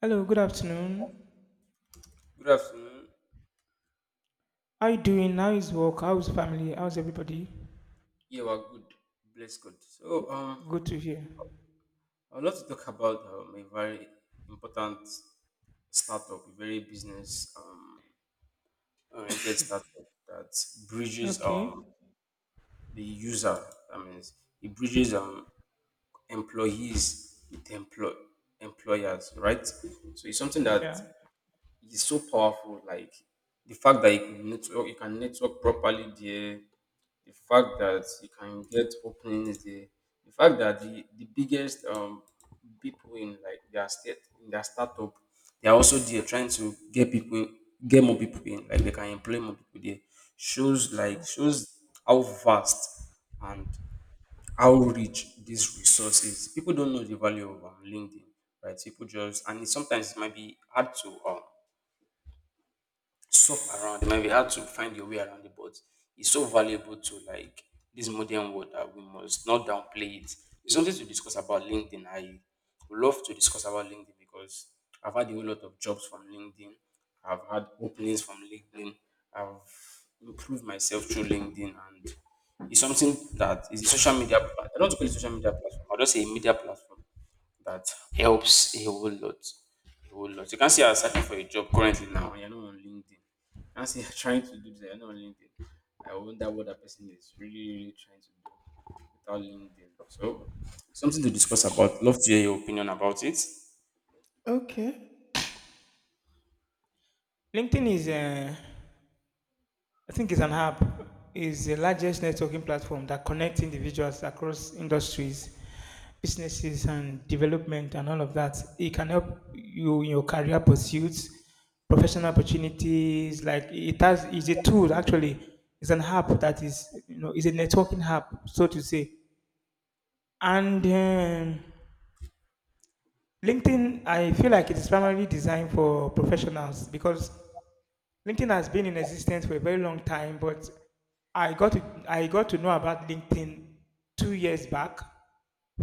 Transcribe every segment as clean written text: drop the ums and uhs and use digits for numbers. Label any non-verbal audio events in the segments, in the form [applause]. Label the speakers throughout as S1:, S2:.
S1: Hello, good afternoon.
S2: Good afternoon.
S1: How you doing? How is work? How's family? How's everybody?
S2: Yeah, we're good. Bless God.
S1: Go- Good to hear.
S2: I'd love to talk about a very important startup, a very business oriented startup that bridges
S1: Okay.
S2: the user. That means it bridges employees with employ- employers, right? So it's something that
S1: Yeah.
S2: is so powerful. Like the fact that you can network properly there, the fact that you can get openings there, the fact that the biggest people in like their state in their startup, they are also there trying to get people in, get more people in, like they can employ more people there.
S1: True.
S2: Shows how vast and how rich this resource is. People don't know the value of LinkedIn, right? People just and it, sometimes it might be hard to shop around. It might be hard to find your way around it, but it's so valuable to like this modern world that we must not downplay it. It's something to discuss about LinkedIn. I would love to discuss about LinkedIn because I've had a whole lot of jobs from LinkedIn. I've had openings from LinkedIn. I've improved myself through LinkedIn, and it's something that is a I don't call it social media platform, I'll just say a media platform that helps a whole lot. A whole lot. You can see I'm searching for a job currently now, and you're not on LinkedIn. You can see you're [laughs] trying to do this, and you're not on LinkedIn. I wonder what that person is really, really trying to do without LinkedIn. So, something to discuss about. Love to hear your opinion about it.
S1: Okay. LinkedIn is, I think, it's an app. Is the largest networking platform that connects individuals across industries, businesses, and development, and all of that. It can help you in your career pursuits, professional opportunities. Like it has, is a tool actually. It's an app that is a networking app, so to say. And LinkedIn, I feel like it is primarily designed for professionals because LinkedIn has been in existence for a very long time. But I got to, I got to know about LinkedIn 2 years back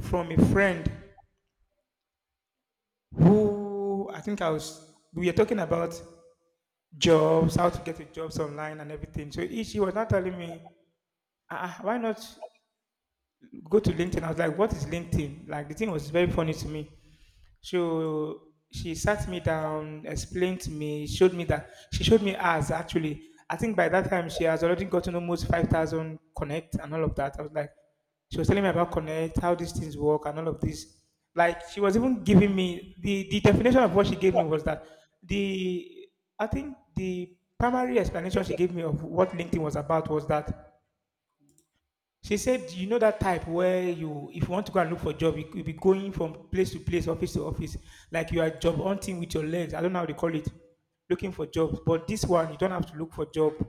S1: from a friend who I think I was we were talking about jobs, how to get to jobs online and everything. So she was not telling me, why not go to LinkedIn? I was like, what is LinkedIn? Like the thing was very funny to me. So she sat me down, explained to me, showed me that she showed me as actually. I think by that time she has already gotten almost 5,000 connect and all of that. I was like, she was telling me about connect, how these things work, and all of this. Like she was even giving me the definition of what she gave me was that the I think the primary explanation she gave me of what LinkedIn was about was that she said, "You know that type where you, if you want to go and look for a job, you could be going from place to place, office to office, like you are job hunting with your legs. I don't know how they call it, looking for jobs. But this one, you don't have to look for job.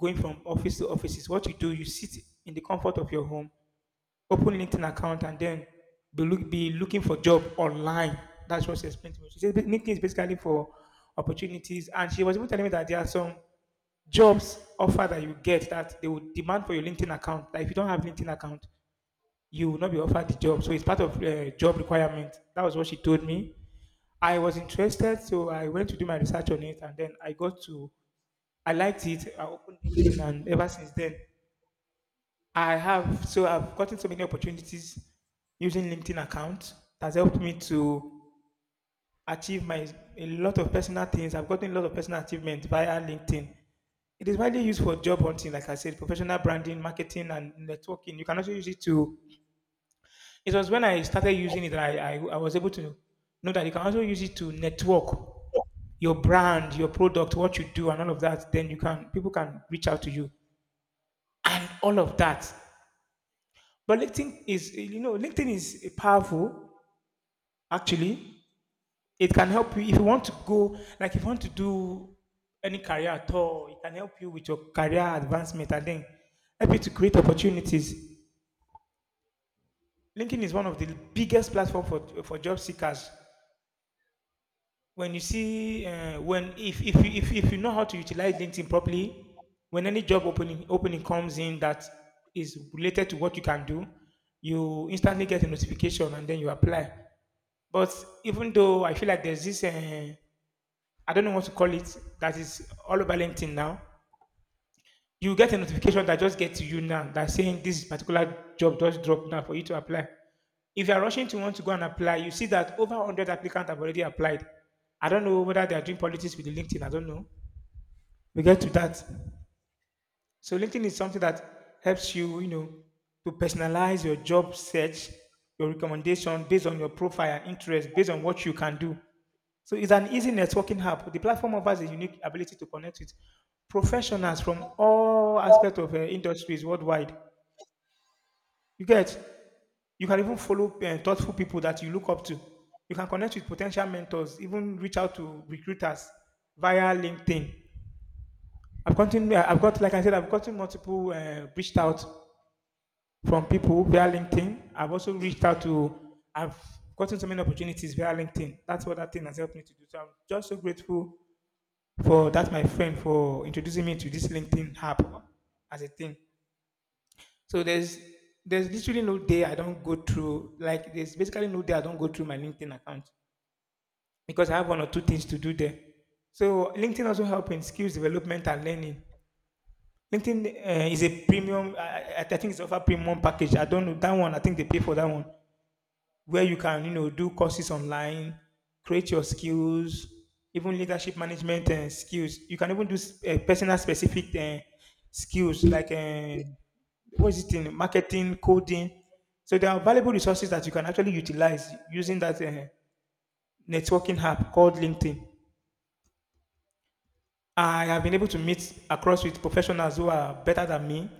S1: Going from office to office is what you do. You sit in the comfort of your home, open LinkedIn account, and then be looking for job online. That's what she explained to me. She said LinkedIn is basically for opportunities, and she was even telling me that there are some jobs offer that you get that they will demand for your LinkedIn account. Like if you don't have LinkedIn account, you will not be offered the job. So it's part of job requirement. That was what she told me. I was interested, so I went to do my research on it, and then I liked it. I opened LinkedIn, and ever since then, I have. So I've gotten so many opportunities using LinkedIn account. It has helped me to achieve my a lot of personal things. I've gotten a lot of personal achievement via LinkedIn. It is widely used for job hunting, like I said, professional branding, marketing, and networking. You can also use it to. It was when I started using it that I was able to know that you can also use it to network your brand, your product, what you do, and all of that. Then you can people can reach out to you, all of that. But LinkedIn is powerful actually. It can help you if you want to go like if you want to do any career at all. It can help you with your career advancement and then help you to create opportunities. LinkedIn is one of the biggest platform for job seekers when if you know how to utilize LinkedIn properly when any job opening comes in that is related to what you can do. You instantly get a notification and then you apply, but even though I feel like there's this I don't know what to call it that is all over LinkedIn now. You get a notification that just gets to you now that saying this particular job just dropped now for you to apply. If you are rushing to want to go and apply, you see that over 100 applicants have already applied. I don't know whether they are doing politics with the LinkedIn. I don't know. We get to that. So LinkedIn is something that helps you, you know, to personalize your job search, your recommendation based on your profile and interest, based on what you can do. So it's an easy networking app. The platform offers a unique ability to connect with professionals from all aspects of industries worldwide. You get, you can even follow thoughtful people that you look up to. You can connect with potential mentors, even reach out to recruiters via LinkedIn. I've gotten, I've got, like I said, I've gotten multiple reached out from people via LinkedIn. I've also reached out to, I've gotten so many opportunities via LinkedIn. That's what that thing has helped me to do. So I'm just so grateful for that, my friend, for introducing me to this LinkedIn app as a thing. So there's literally no day I don't go through, like there's basically no day I don't go through my LinkedIn account because I have one or two things to do there. So LinkedIn also helps in skills development and learning. LinkedIn is a premium. I think it's offer premium package. I don't know that one. I think they pay for that one, where you can you know do courses online, create your skills, even leadership management and skills. You can even do personal specific skills like what is it in marketing, coding. So there are valuable resources that you can actually utilize using that networking app called LinkedIn. I have been able to meet across with professionals who are better than me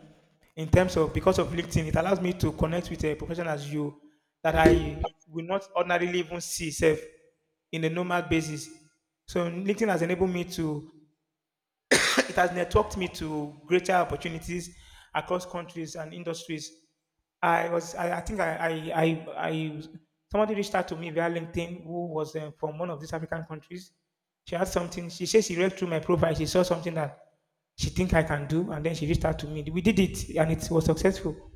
S1: in terms of because of LinkedIn, it allows me to connect with a professional as you that I will not ordinarily even see self in a normal basis. So LinkedIn has enabled me to. It has networked me to greater opportunities across countries and industries. I, somebody reached out to me via LinkedIn who was from one of these African countries. She had something, she said she read through my profile, she saw something that she think I can do, and then she reached out to me. We did it, and it was successful.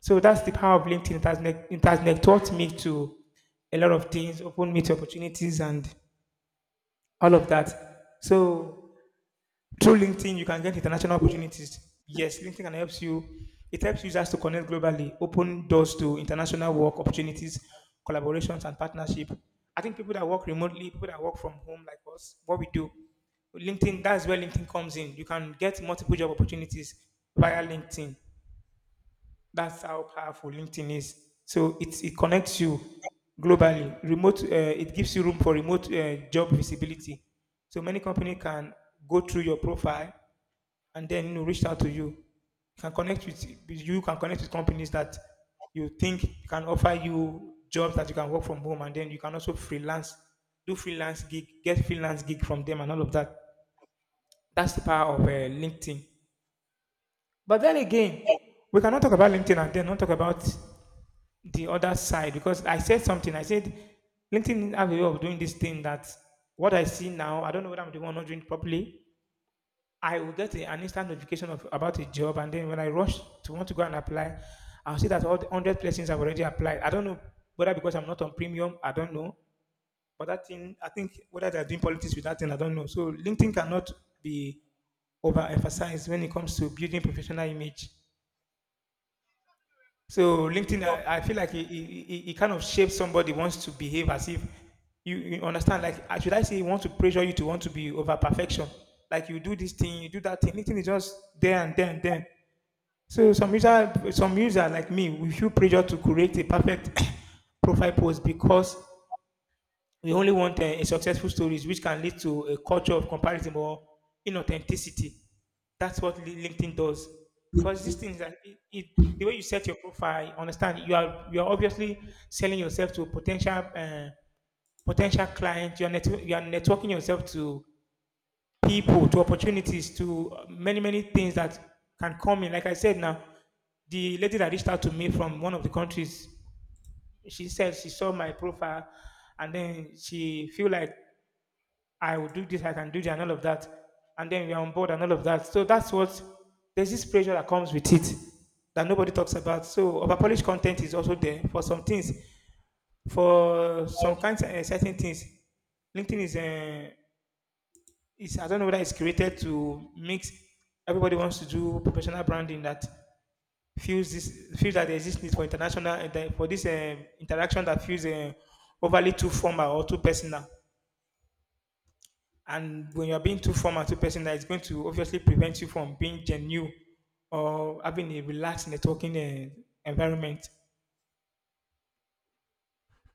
S1: So that's the power of LinkedIn. It has taught me to a lot of things, opened me to opportunities, and all of that. So through LinkedIn, you can get international opportunities. Yes, LinkedIn can helps you. It helps users to connect globally, open doors to international work opportunities, collaborations, and partnership. I think people that work remotely, people that work from home like us, what we do, LinkedIn, that's where LinkedIn comes in. You can get multiple job opportunities via LinkedIn. That's how powerful LinkedIn is. So it connects you globally. It gives you room for remote job visibility. So many company can go through your profile and then you know reached out to you. You can connect with you can connect with companies that you think can offer you jobs that you can work from home, and then you can also freelance, do freelance gig, get freelance gig from them, and all of that. That's the power of LinkedIn. But then again, we cannot talk about LinkedIn and then not talk about the other side because I said something. I said LinkedIn have a way of doing this thing that what I see now, I don't know whether I'm the one not doing it properly. I will get an instant notification of about a job, and then when I rush to want to go and apply, I'll see that all the hundred places I've already applied. I don't know whether because I'm not on premium, I don't know, but that thing, I think whether they're doing politics with that thing, I don't know. So LinkedIn cannot be overemphasized when it comes to building professional image. So LinkedIn, I feel like it kind of shapes somebody wants to behave as if you, you understand. Like, should I say, you want to pressure you to want to be over perfection? Like, you do this thing, you do that thing. LinkedIn is just there and there and there. So some user like me, we feel pressure to create a perfect [coughs] profile post because we only want a successful stories which can lead to a culture of comparison or inauthenticity. That's what LinkedIn does. Because these things that the way you set your profile, understand you are obviously selling yourself to potential clients. You are networking yourself to people, to opportunities, to many many things that can come in. Like I said now, the lady that reached out to me from one of the countries, she said she saw my profile and then she feel like I will do this, I can do that, and all of that. And then we are on board and all of that. So that's what there's this pressure that comes with it that nobody talks about. So overpolished content is also there for some things, for some kinds of certain things. LinkedIn is I don't know whether it's created to mix everybody wants to do professional branding that feels this feels that there exists need for international for this interaction that feels overly too formal or too personal. And when you're being too formal, too personal, it's going to obviously prevent you from being genuine or having a relaxed networking environment.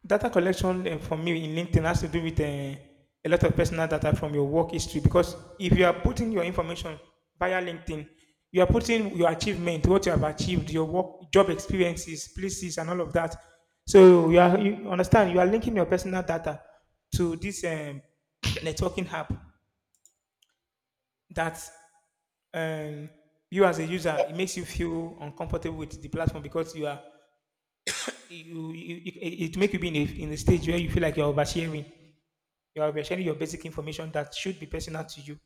S1: Data collection for me in LinkedIn has to do with a lot of personal data from your work history because if you are putting your information via LinkedIn, you are putting your achievement, what you have achieved, your work, job experiences, places, and all of that. So you are you understand you are linking your personal data to this [clears throat] networking app that um, you as a user, it makes you feel uncomfortable with the platform because you are you it make you be in a stage where you feel like you're oversharing. You're oversharing your basic information that should be personal to you.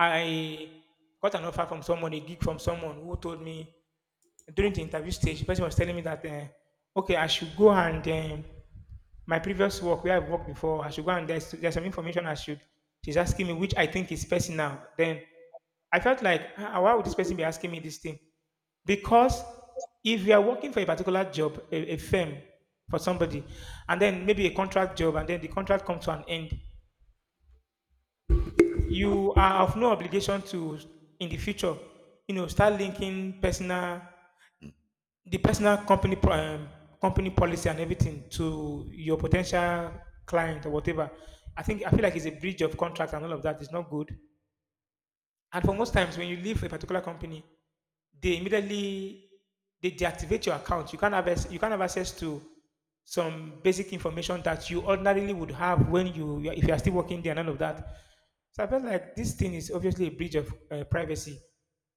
S1: I got an offer from someone, a gig from someone who told me during the interview stage, the person was telling me that, okay, I should go and my previous work where I've worked before, I should go and there's some information I should. She's asking me, which I think is personal. Then I felt like, "Ah, why would this person be asking me this thing? Because if you are working for a particular job, a firm for somebody, and then maybe a contract job, and then the contract comes to an end, you are of no obligation to, in the future, you know, start linking personal the personal company company policy and everything to your potential client or whatever. I think I feel like it's a breach of contract and all of that. It's not good. And for most times, when you leave a particular company, they immediately they deactivate your account. You can't have you can't have access to some basic information that you ordinarily would have when if you are still working there and all of that. So I felt like this thing is obviously a breach of privacy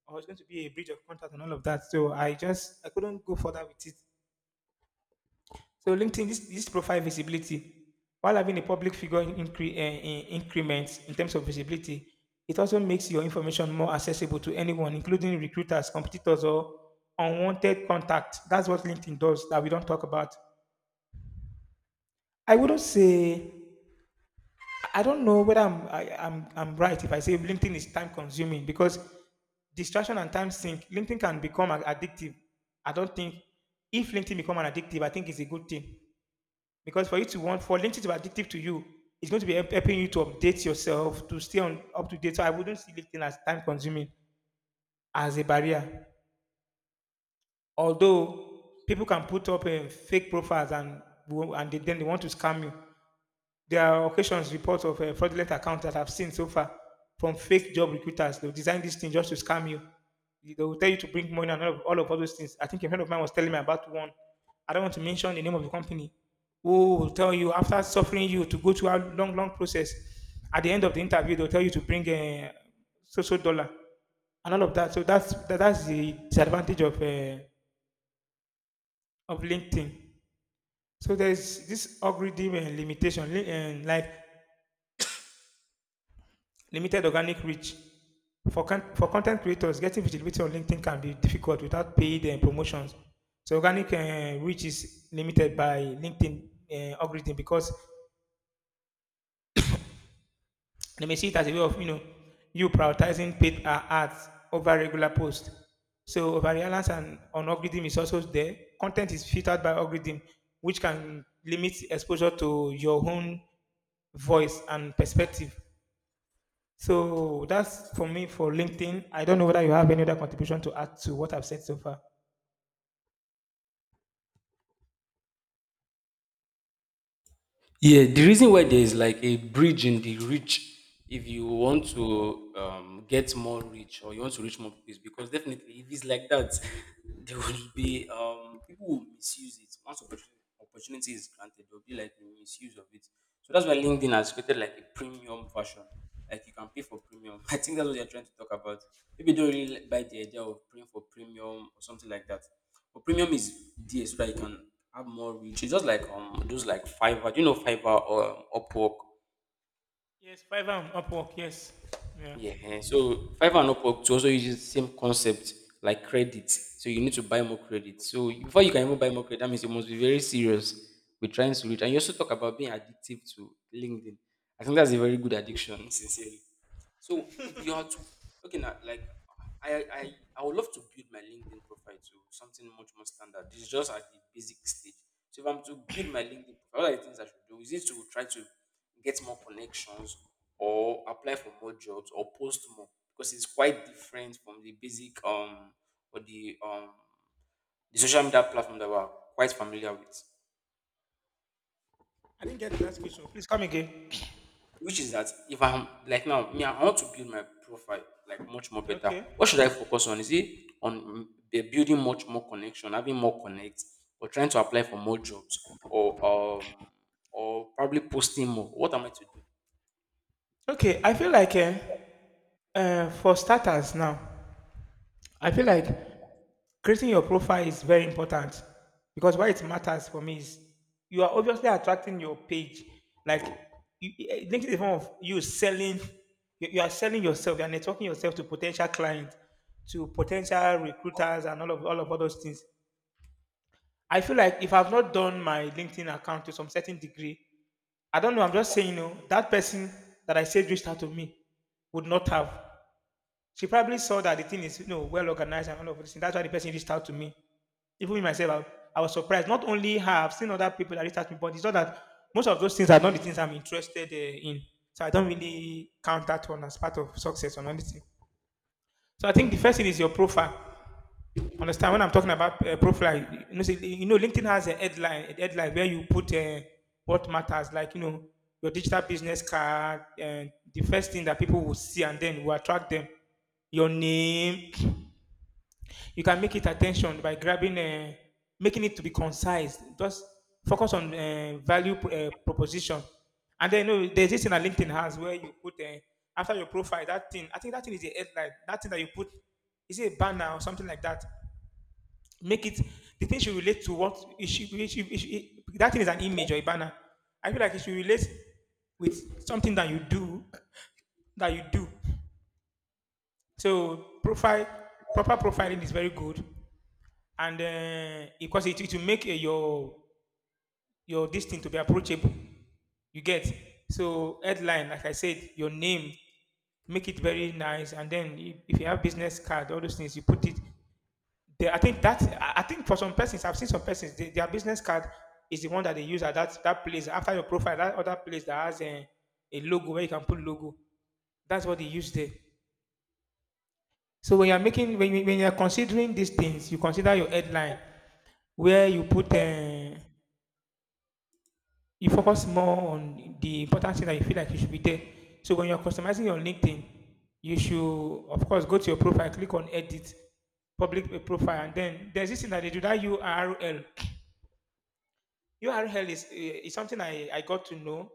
S1: or it's going to be a breach of contract and all of that. So I couldn't go further with it. So LinkedIn, this profile visibility, while having a public figure in increments in terms of visibility, it also makes your information more accessible to anyone, including recruiters, competitors, or unwanted contact. That's what LinkedIn does that we don't talk about. I wouldn't say I don't know whether I'm right if I say LinkedIn is time consuming because distraction and time sink. LinkedIn can become addictive. I don't think if LinkedIn become an addictive, I think it's a good thing. Because for you to want for LinkedIn to be addictive to you, it's going to be helping you to update yourself to stay on up to date. So I wouldn't see LinkedIn as time consuming as a barrier. Although people can put up fake profiles and then they want to scam you. There are occasions reports of fraudulent accounts that I've seen so far from fake job recruiters. They'll design this thing just to scam you. They will tell you to bring money and all those things. I think a friend of mine was telling me about one. I don't want to mention the name of the company. Who will tell you after suffering you to go through a long, long process? At the end of the interview, they'll tell you to bring a social dollar and all of that. So that's the disadvantage of LinkedIn. So there's this algorithm and limitation, li- and like limited organic reach. For content creators, getting visibility on LinkedIn can be difficult without paid promotions. So organic reach is limited by LinkedIn algorithm because they may see it as a way of you know you prioritizing paid ads over regular posts. So over and on algorithm is also there. Content is filtered by algorithm, which can limit exposure to your own voice and perspective. So that's for me for LinkedIn. I don't know whether you have any other contribution to add to what I've said so far.
S2: Yeah, the reason why there is like a bridge in the reach, if you want to get more reach or you want to reach more people, is because definitely if it's like that, [laughs] there will be people will misuse it. Opportunity is granted, there will be like a misuse of it. So that's why LinkedIn has created like a premium version. Like you can pay for premium. [laughs] I think that's what they're trying to talk about. Maybe they don't really like- buy the idea of paying for premium or something like that. But premium is there so that you can have more reach. It's just like those like Fiverr. Do you know Fiverr or Upwork?
S1: Yes, Fiverr and Upwork. Yes. Yeah.
S2: Yeah, eh. So Fiverr and Upwork to also uses the same concept like credit. So you need to buy more credit. So before you can even buy more credit, that means you must be very serious with trying to reach. And you also talk about being addictive to LinkedIn. I think that's a very good addiction, sincerely. So if you are to okay now, like I I I would love to build my LinkedIn profile to something much more standard. This is just at the basic stage. So if I'm to build my LinkedIn profile, what are the things I should do? Is it to try to get more connections or apply for more jobs or post more? Because it's quite different from the basic or the social media platform that we're quite familiar with,
S1: I didn't get the last question. Please come again.
S2: which is that if I'm like now, me, I want to build my profile like much more better.
S1: Okay.
S2: What should I focus on? Is it on mm, the building much more connection, having more connects, or trying to apply for more jobs, or um, or probably posting more? What am I to do?
S1: Okay. I feel like for starters now, I feel like creating your profile is very important because why it matters for me is you are obviously attracting your page. Like LinkedIn is a form of you selling. You are selling yourself. You are networking yourself to potential clients, to potential recruiters, and all those things. I feel like if I've not done my LinkedIn account to some certain degree, I don't know. I'm just saying, you know, that person that I said reached out to me would not have. She probably saw that the thing is, you know, well organized and all of this. That's why the person reached out to me. Even me myself, I was surprised. Not only have seen other people that reached out to me, but it's not that most of those things are not the things I'm interested in. So I don't really count that one as part of success or anything. So I think the first thing is your profile. Understand when I'm talking about profile? You know, you know, LinkedIn has a headline where you put what matters, like you know, your digital business card, and the first thing that people will see, and then will attract them your name, you can make it attention by grabbing, making it to be concise. Just focus on value proposition. And then you know, there's this thing that LinkedIn has where you put after your profile that thing. I think that thing is a headline. That thing that you put is it a banner or something like that. Make it the thing should relate to what it should- it- that thing is an image or a banner. I feel like it should relate with something that you do that you do. So profile proper profiling is very good. And because it will make your this thing to be approachable you get. So headline like I said your name, make it very nice, and then if you have business card all those things you put it there. I think that I think for some persons I've seen some persons they, their business card is the one that they use at that place after your profile that other place that has a logo where you can put logo, that's what they use there. So when you're making when you're considering these things you consider your headline where you put you focus more on the important thing that you feel like you should be there. So when you're customizing your LinkedIn, you should of course go to your profile, click on edit, public profile, and then there's this thing that they do that URL. URL is something I got to know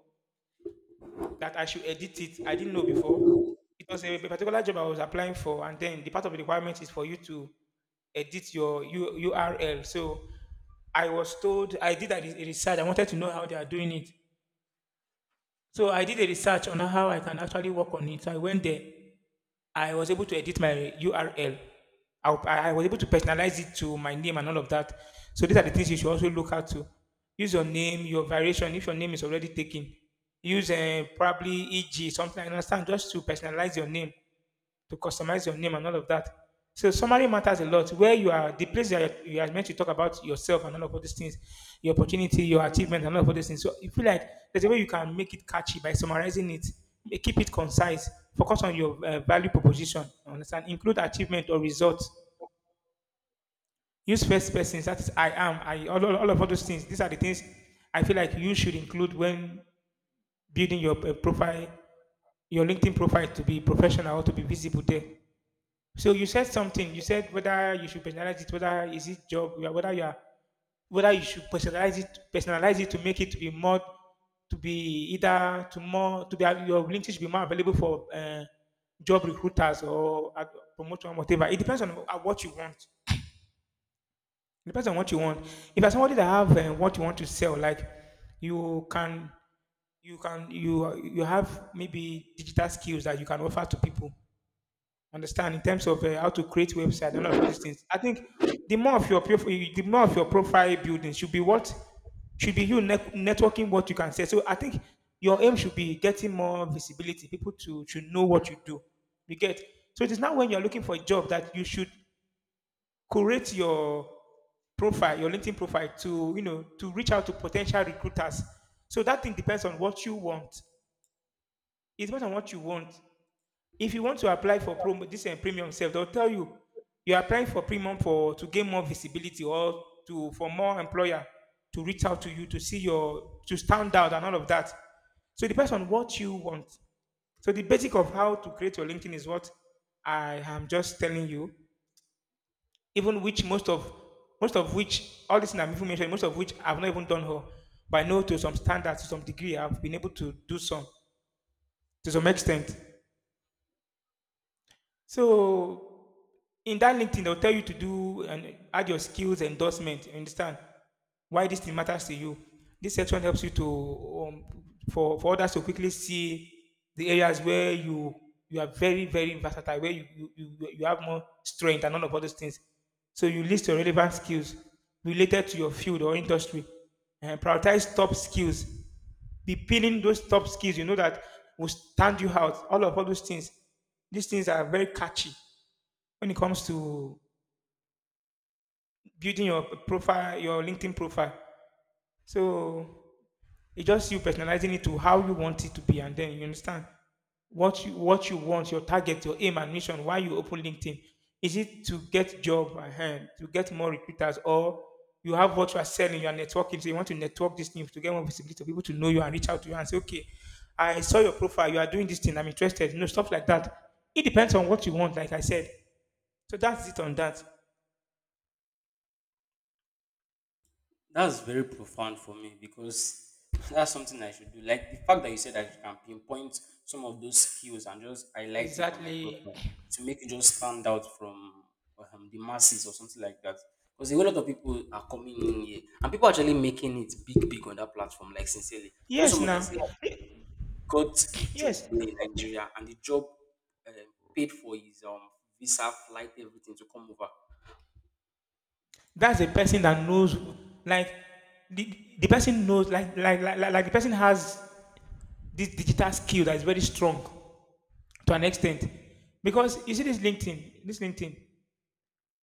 S1: that I should edit it. I didn't know before. It was a particular job I was applying for, and then the part of the requirement is for you to edit your URL. So I was told I did a research. I wanted to know how they are doing it. So I did a research on how I can actually work on it. So I went there. I was able to edit my URL. I was able to personalize it to my name and all of that. So these are the things you should also look at to. Use your name, your variation. If your name is already taken, use probably EG something. I understand just to personalize your name to customize your name and all of that. So summary matters a lot. Where you are, the place you are meant to talk about yourself and all these things, your opportunity, your achievement, and all these things. So you feel like there's a way you can make it catchy by summarizing it, keep it concise, focus on your value proposition. Understand? Include achievement or results. Use first persons. That is, I am. I all of all those things. These are the things I feel like you should include when building your profile, your LinkedIn profile to be professional or to be visible there. So you said something. You said whether you should personalize it, whether is it job, you are- whether you are, whether you should personalize it to make it to be more, to be either to more, to be your LinkedIn should be more available for job recruiters or promotion, whatever. It depends on what you want. It depends on what you want. If you're somebody that have what you want to sell, like you can, you can, you have maybe digital skills that you can offer to people understand in terms of how to create website and all of these things. I think the more of your profile building should be what should be you networking what you can say. So I think your aim should be getting more visibility, people to know what you do. You get so it is now when you are looking for a job that you should curate your profile, your LinkedIn profile to to reach out to potential recruiters. So that thing depends on what you want. It depends on what you want. If you want to apply for promo, this and premium self, they'll tell you you're applying for premium for to gain more visibility or to for more employer to reach out to you to see your to stand out and all of that. So it depends on what you want. So the basic of how to create your LinkedIn is what I am just telling you. Even which most of which all this I'm even mentioning, most of which I've not even done her. But I know to some standards to some degree, I've been able to do some to some extent. So in that LinkedIn, they'll tell you to do and add your skills endorsement. You understand why this thing matters to you. This section helps you to for others to quickly see the areas where you are very versatile, where you have more strength and none of all those things. So you list your relevant skills related to your field or industry, and prioritize top skills. Be pinning those top skills. You know that will stand you out. All of all those things. These things are very catchy when it comes to building your profile, your LinkedIn profile. So it's just you personalizing it to how you want it to be, and then you understand what you want, your target, your aim and mission. Why you open LinkedIn? Is it to get job ahead, to get more recruiters, or you have what you are selling, you are networking, so you want to network these things to get more visibility, to people to know you and reach out to you and say, okay, I saw your profile, you are doing this thing, I'm interested. You know, stuff like that. It depends on what you want, like I said. So that's it on that.
S2: That's very profound for me because [laughs] that's something I should do. Like the fact that you said that you can pinpoint some of those skills and just highlight it on my
S1: Exactly.
S2: profile to make it just stand out from the masses or something like that. Because a whole lot of people are coming in here and people are actually making it big, big on that platform. Like sincerely, I know
S1: Yes,
S2: someone that
S1: now.
S2: said
S1: Eh,
S2: he got a job
S1: Yes.
S2: here in Nigeria, and the job uh, paid for his visa, flight, everything to come over.
S1: That's a person that knows like the person knows like the person has this digital skill that is very strong to an extent. Because you see this LinkedIn,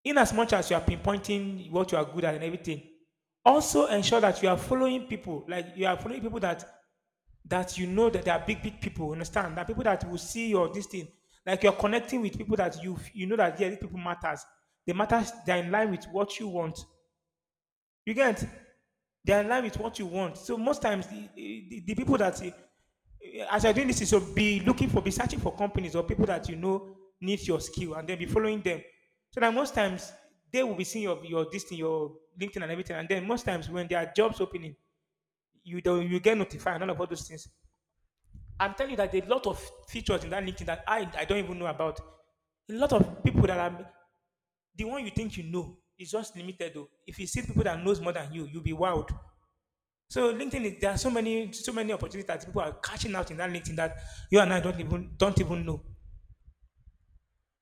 S1: in as much as you are pinpointing what you are good at and everything, also ensure that you are following people, like you are following people that you know that they are big, big people. Understand that people that will see your this thing, like you're connecting with people that you know that yeah, these people matters. They matters. They're in line with what you want. You get? They're in line with what you want. So most times the people that as you're doing this, is so be looking for, be searching for companies or people that you know need your skill, and then be following them. So that most times they will be seeing your this thing, your LinkedIn and everything, and then most times when there are jobs opening, you don't you get notified and all of all those things. I'm telling you that there's a lot of features in that LinkedIn that I don't even know about. A lot of people that are the one you think you know is just limited though. If you see people that knows more than you, you'll be wowed. So LinkedIn, is- there are so many opportunities that people are catching out in that LinkedIn that you and I don't even know.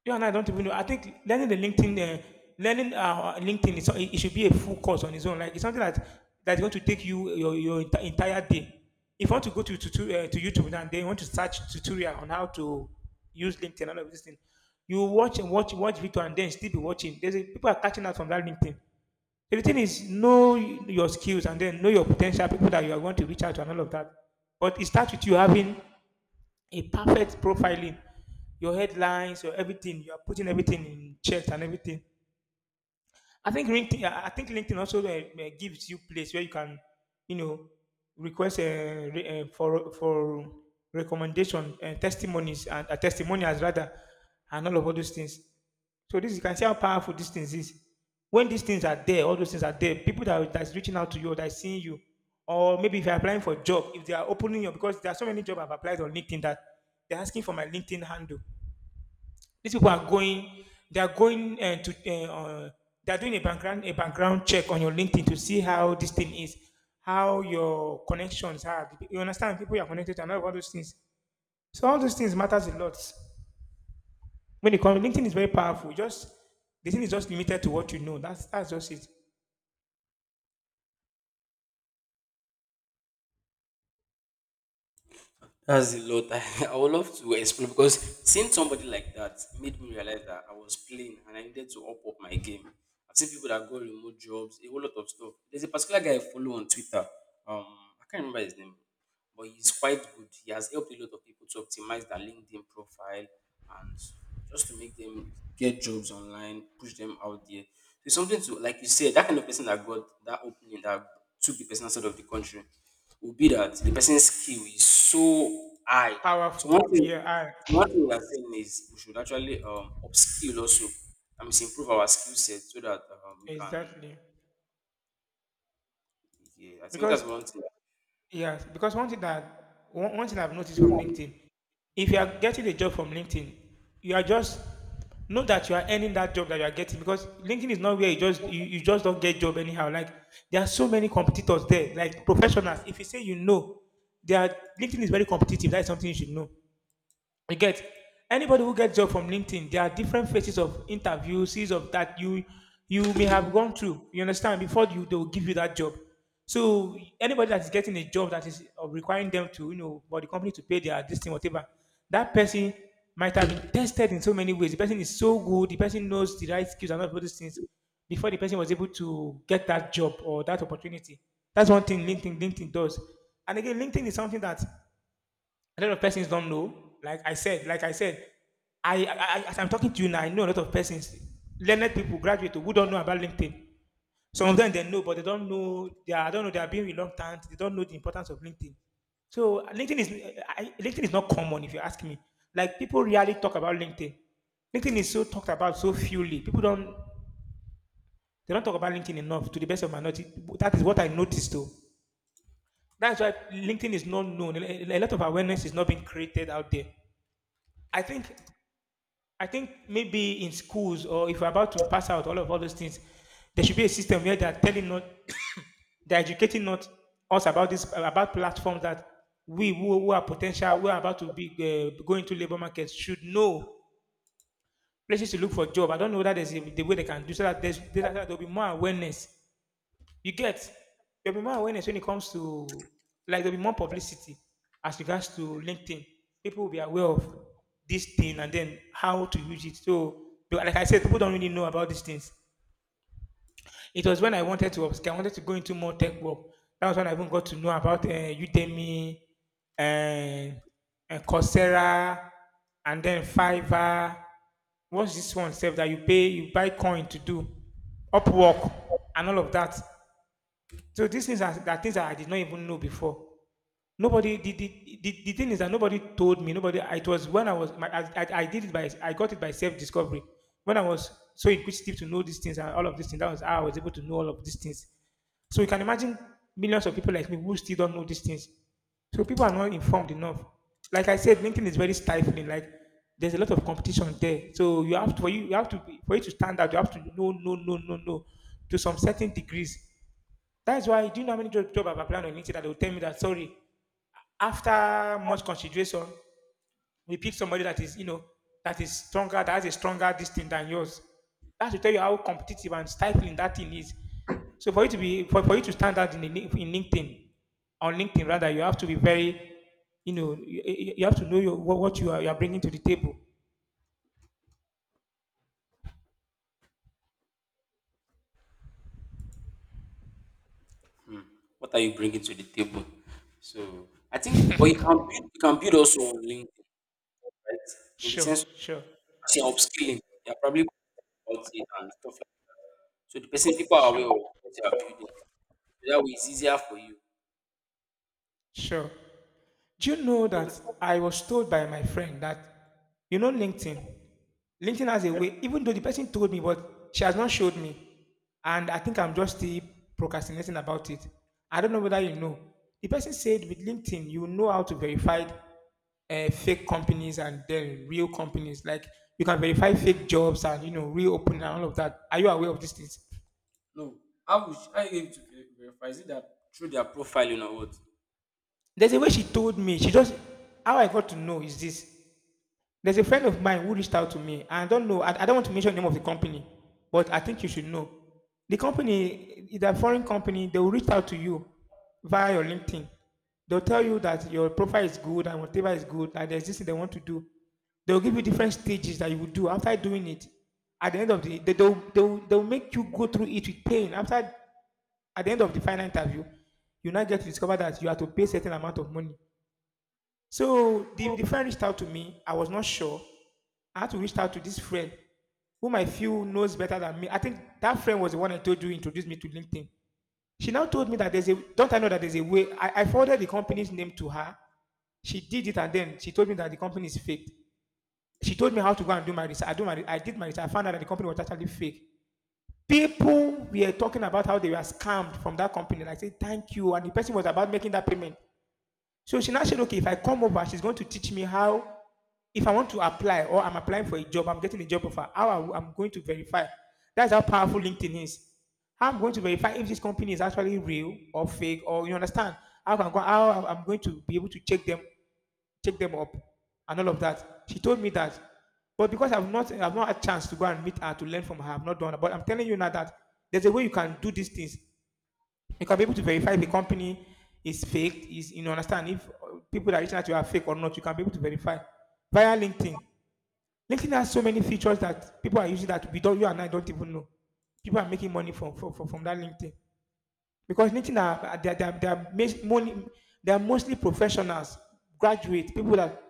S1: Yeah, and I don't even know. I think learning the LinkedIn, learning LinkedIn, is, it should be a full course on its own. Like it's something that that's going to take you your entire day. If you want to go to YouTube and then you want to search tutorial on how to use LinkedIn and all of this thing, you watch and watch video and then still be watching. There's a, people are catching out from that LinkedIn. The thing is, know your skills and then know your potential people that you are going to reach out to and all of that. But it starts with you having a perfect profiling. Your headlines, your everything, you are putting everything in chat and everything. I think LinkedIn. I think LinkedIn also gives you place where you can, you know, request for recommendation and testimonies and testimonials rather, and all of all those things. So this you can see how powerful these things is. When these things are there, all those things are there. People that are- that's reaching out to you, or that's seeing you, or maybe if you're applying for a job, if they are opening you because there are so many jobs I've applied on LinkedIn that they're asking for my LinkedIn handle. These people are going, they are going they are doing a background check on your LinkedIn to see how this thing is, how your connections are. You understand? People you are connected to and all of all those things. So all those things matters a lot. When it comes, LinkedIn is very powerful. Just the thing is just limited to what you know. That's just it.
S2: That's a lot. [laughs] I would love to explain because seeing somebody like that made me realize that I was playing and I needed to up my game. I've seen people that got remote jobs, a whole lot of stuff. There's a particular guy I follow on Twitter. Um, I can't remember his name, but he's quite good. He has helped a lot of people to optimize their LinkedIn profile and just to make them get jobs online, push them out there. So it's something to, like you said, that kind of person that got that opening that took the person outside of the country would be that the person's skill is so high. So
S1: Powerful.
S2: one
S1: Yeah,
S2: thing,
S1: I
S2: so one thing we are saying is we should actually upskill also. I mean, improve our skill set so that we can.
S1: exactly.
S2: Yeah, I think that's
S1: Because
S2: one thing.
S1: yes, because one thing that one thing I've noticed from LinkedIn, if you are getting a job from LinkedIn, you are just know that you are earning that job that you are getting because LinkedIn is not where you just you just don't get job anyhow. Like there are so many competitors there, like professionals. If you say you know, they are LinkedIn is very competitive. That's something you should know. You get anybody who gets job from LinkedIn, there are different phases of interviews, series of that you may have gone through. You understand before you they will give you that job. So anybody that is getting a job that is requiring them to you know for the company to pay their this thing whatever, that person might have been tested in so many ways. The person is so good. The person knows the right skills and all those things before the person was able to get that job or that opportunity. That's one thing LinkedIn does. And again, LinkedIn is something that a lot of persons don't know. Like I said, I, I as I'm talking to you now, I know a lot of persons, learned people, graduate who don't know about LinkedIn. Some of them they know, but they don't know. They are, I don't know. They are being reluctant. They don't know the importance of LinkedIn. So LinkedIn is LinkedIn is not common if you ask me. Like people rarely talk about LinkedIn. LinkedIn is so talked about so fewly. People don't they don't talk about LinkedIn enough. To the best of my knowledge, that is what I noticed though. That's why LinkedIn is not known. A lot of awareness is not being created out there. I think I think maybe in schools or if we're about to pass out all those things, there should be a system where they're telling not [coughs] they're educating not us about this about platforms that we who are potential who are about to be going to labor markets should know places to look for job. I don't know that the way they can do so that there'll be more awareness you get there'll be more awareness when it comes to like there'll be more publicity as regards to LinkedIn. People will be aware of this thing and then how to use it. So but like I said, people don't really know about these things. It was when I wanted to upskill, I wanted to go into more tech work. That was when I even got to know about Udemy and, and Coursera and then Fiverr. What's this one, self that you pay, you buy coin to do, Upwork and all of that. So these things are things that I did not even know before. Nobody the thing is that nobody told me. Nobody. It was when I was my, I did it by I got it by self discovery. When I was so inquisitive to know these things and all of these things, that was how I was able to know all of these things. So you can imagine millions of people like me who still don't know these things. So people are not informed enough. Like I said, LinkedIn is very stifling. Like there's a lot of competition there. So you have to for you have to be, for you to stand out, you have to know to some certain degrees. That's why, do you know how many job I've applied on LinkedIn that they will tell me that, sorry, after much consideration, we pick somebody that is, you know, that is stronger, that has a stronger distance than yours. That should tell you how competitive and stifling that thing is. So for you to be, for you to stand out in LinkedIn, on LinkedIn rather, you have to be very, you know, you have to know what you are bringing to the table.
S2: Hmm. What are you bringing to the table? So I think, but you can build also on LinkedIn, right? In the
S1: Sure,
S2: sense of
S1: sure,
S2: actually upskilling, they're probably about it and stuff like. So the person people are aware of
S1: sure,
S2: what they are building. So that way, it's easier for you.
S1: sure. Do you know
S2: You
S1: that
S2: understand?
S1: I was told by my friend that, you know, LinkedIn has a way, even though the person told me, but she has not showed me. And I think I'm just still procrastinating about it. I don't know whether you know. The person said with LinkedIn, you know how to verify fake companies and then real companies. Like you can verify fake jobs and, you know, reopen and all of that. Are you aware of these things?
S2: No, how would you, how you able to ver- verify? Is it that through their profiling or what?
S1: There's a way she told me. She just, how I got to know is this. There's a friend of mine who reached out to me. I don't know. I don't want to mention the name of the company, but I think you should know. The company is a foreign company. They will reach out to you via your LinkedIn. They'll tell you that your profile is good and whatever is good, and there's this thing they want to do. They'll give you different stages that you will do. After doing it, at the end of the day, they'll make you go through it with pain. After, at the end of the final interview, you now get to discover that you have to pay a certain amount of money so the friend reached out to me. I was not sure. I had to reach out to this friend whom I feel knows better than me. I think that friend was the one I told you introduced me to LinkedIn. She now told me that there's a don't I know that there's a way. I forwarded the company's name to her. She did it and then she told me that the company is fake. She told me how to go and do my research. I did my research. I found out that the company was actually fake. People were talking about how they were scammed from that company. And I said, thank you. And the person was about making that payment. So she now said, okay, if I come over, she's going to teach me how if I want to apply or I'm applying for a job, I'm getting a job offer, how I am going to verify. That's how powerful LinkedIn is. How I'm going to verify if this company is actually real or fake, or you understand how I'm going to be able to check them up, and all of that. She told me that, but because I've not had a chance to go and meet her to learn from her, I've not done. It. But I'm telling you now that there's a way you can do these things. You can be able to verify if a company is fake, is you know, understand if people that reach out to you are fake or not. You can be able to verify via LinkedIn. LinkedIn has so many features that people are using that we don't, you and I don't even know. People are making money from that LinkedIn because LinkedIn are they are, they are, they are, mas- money, they are mostly professionals, graduates, people that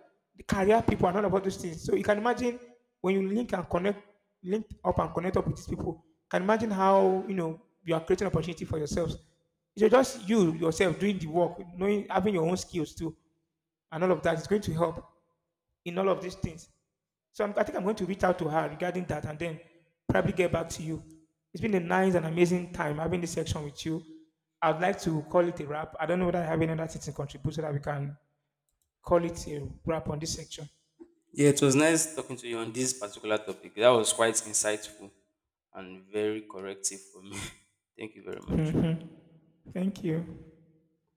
S1: career people and all about those things. So you can imagine when you link and connect, link up and connect up with these people. You Can imagine how you know you are creating opportunity for yourselves. So just you yourself doing the work, knowing having your own skills too, and all of that is going to help in all of these things. So I think I'm going to reach out to her regarding that and then probably get back to you. It's been a nice and amazing time having this section with you. I'd like to call it a wrap. I don't know whether I have any other things to contribute so that we can call it a wrap on this section. [laughs]
S2: Yeah, it was nice talking to you on this particular topic. That was quite insightful and very corrective for me. [laughs] Thank you very much.
S1: Mhm. Thank you.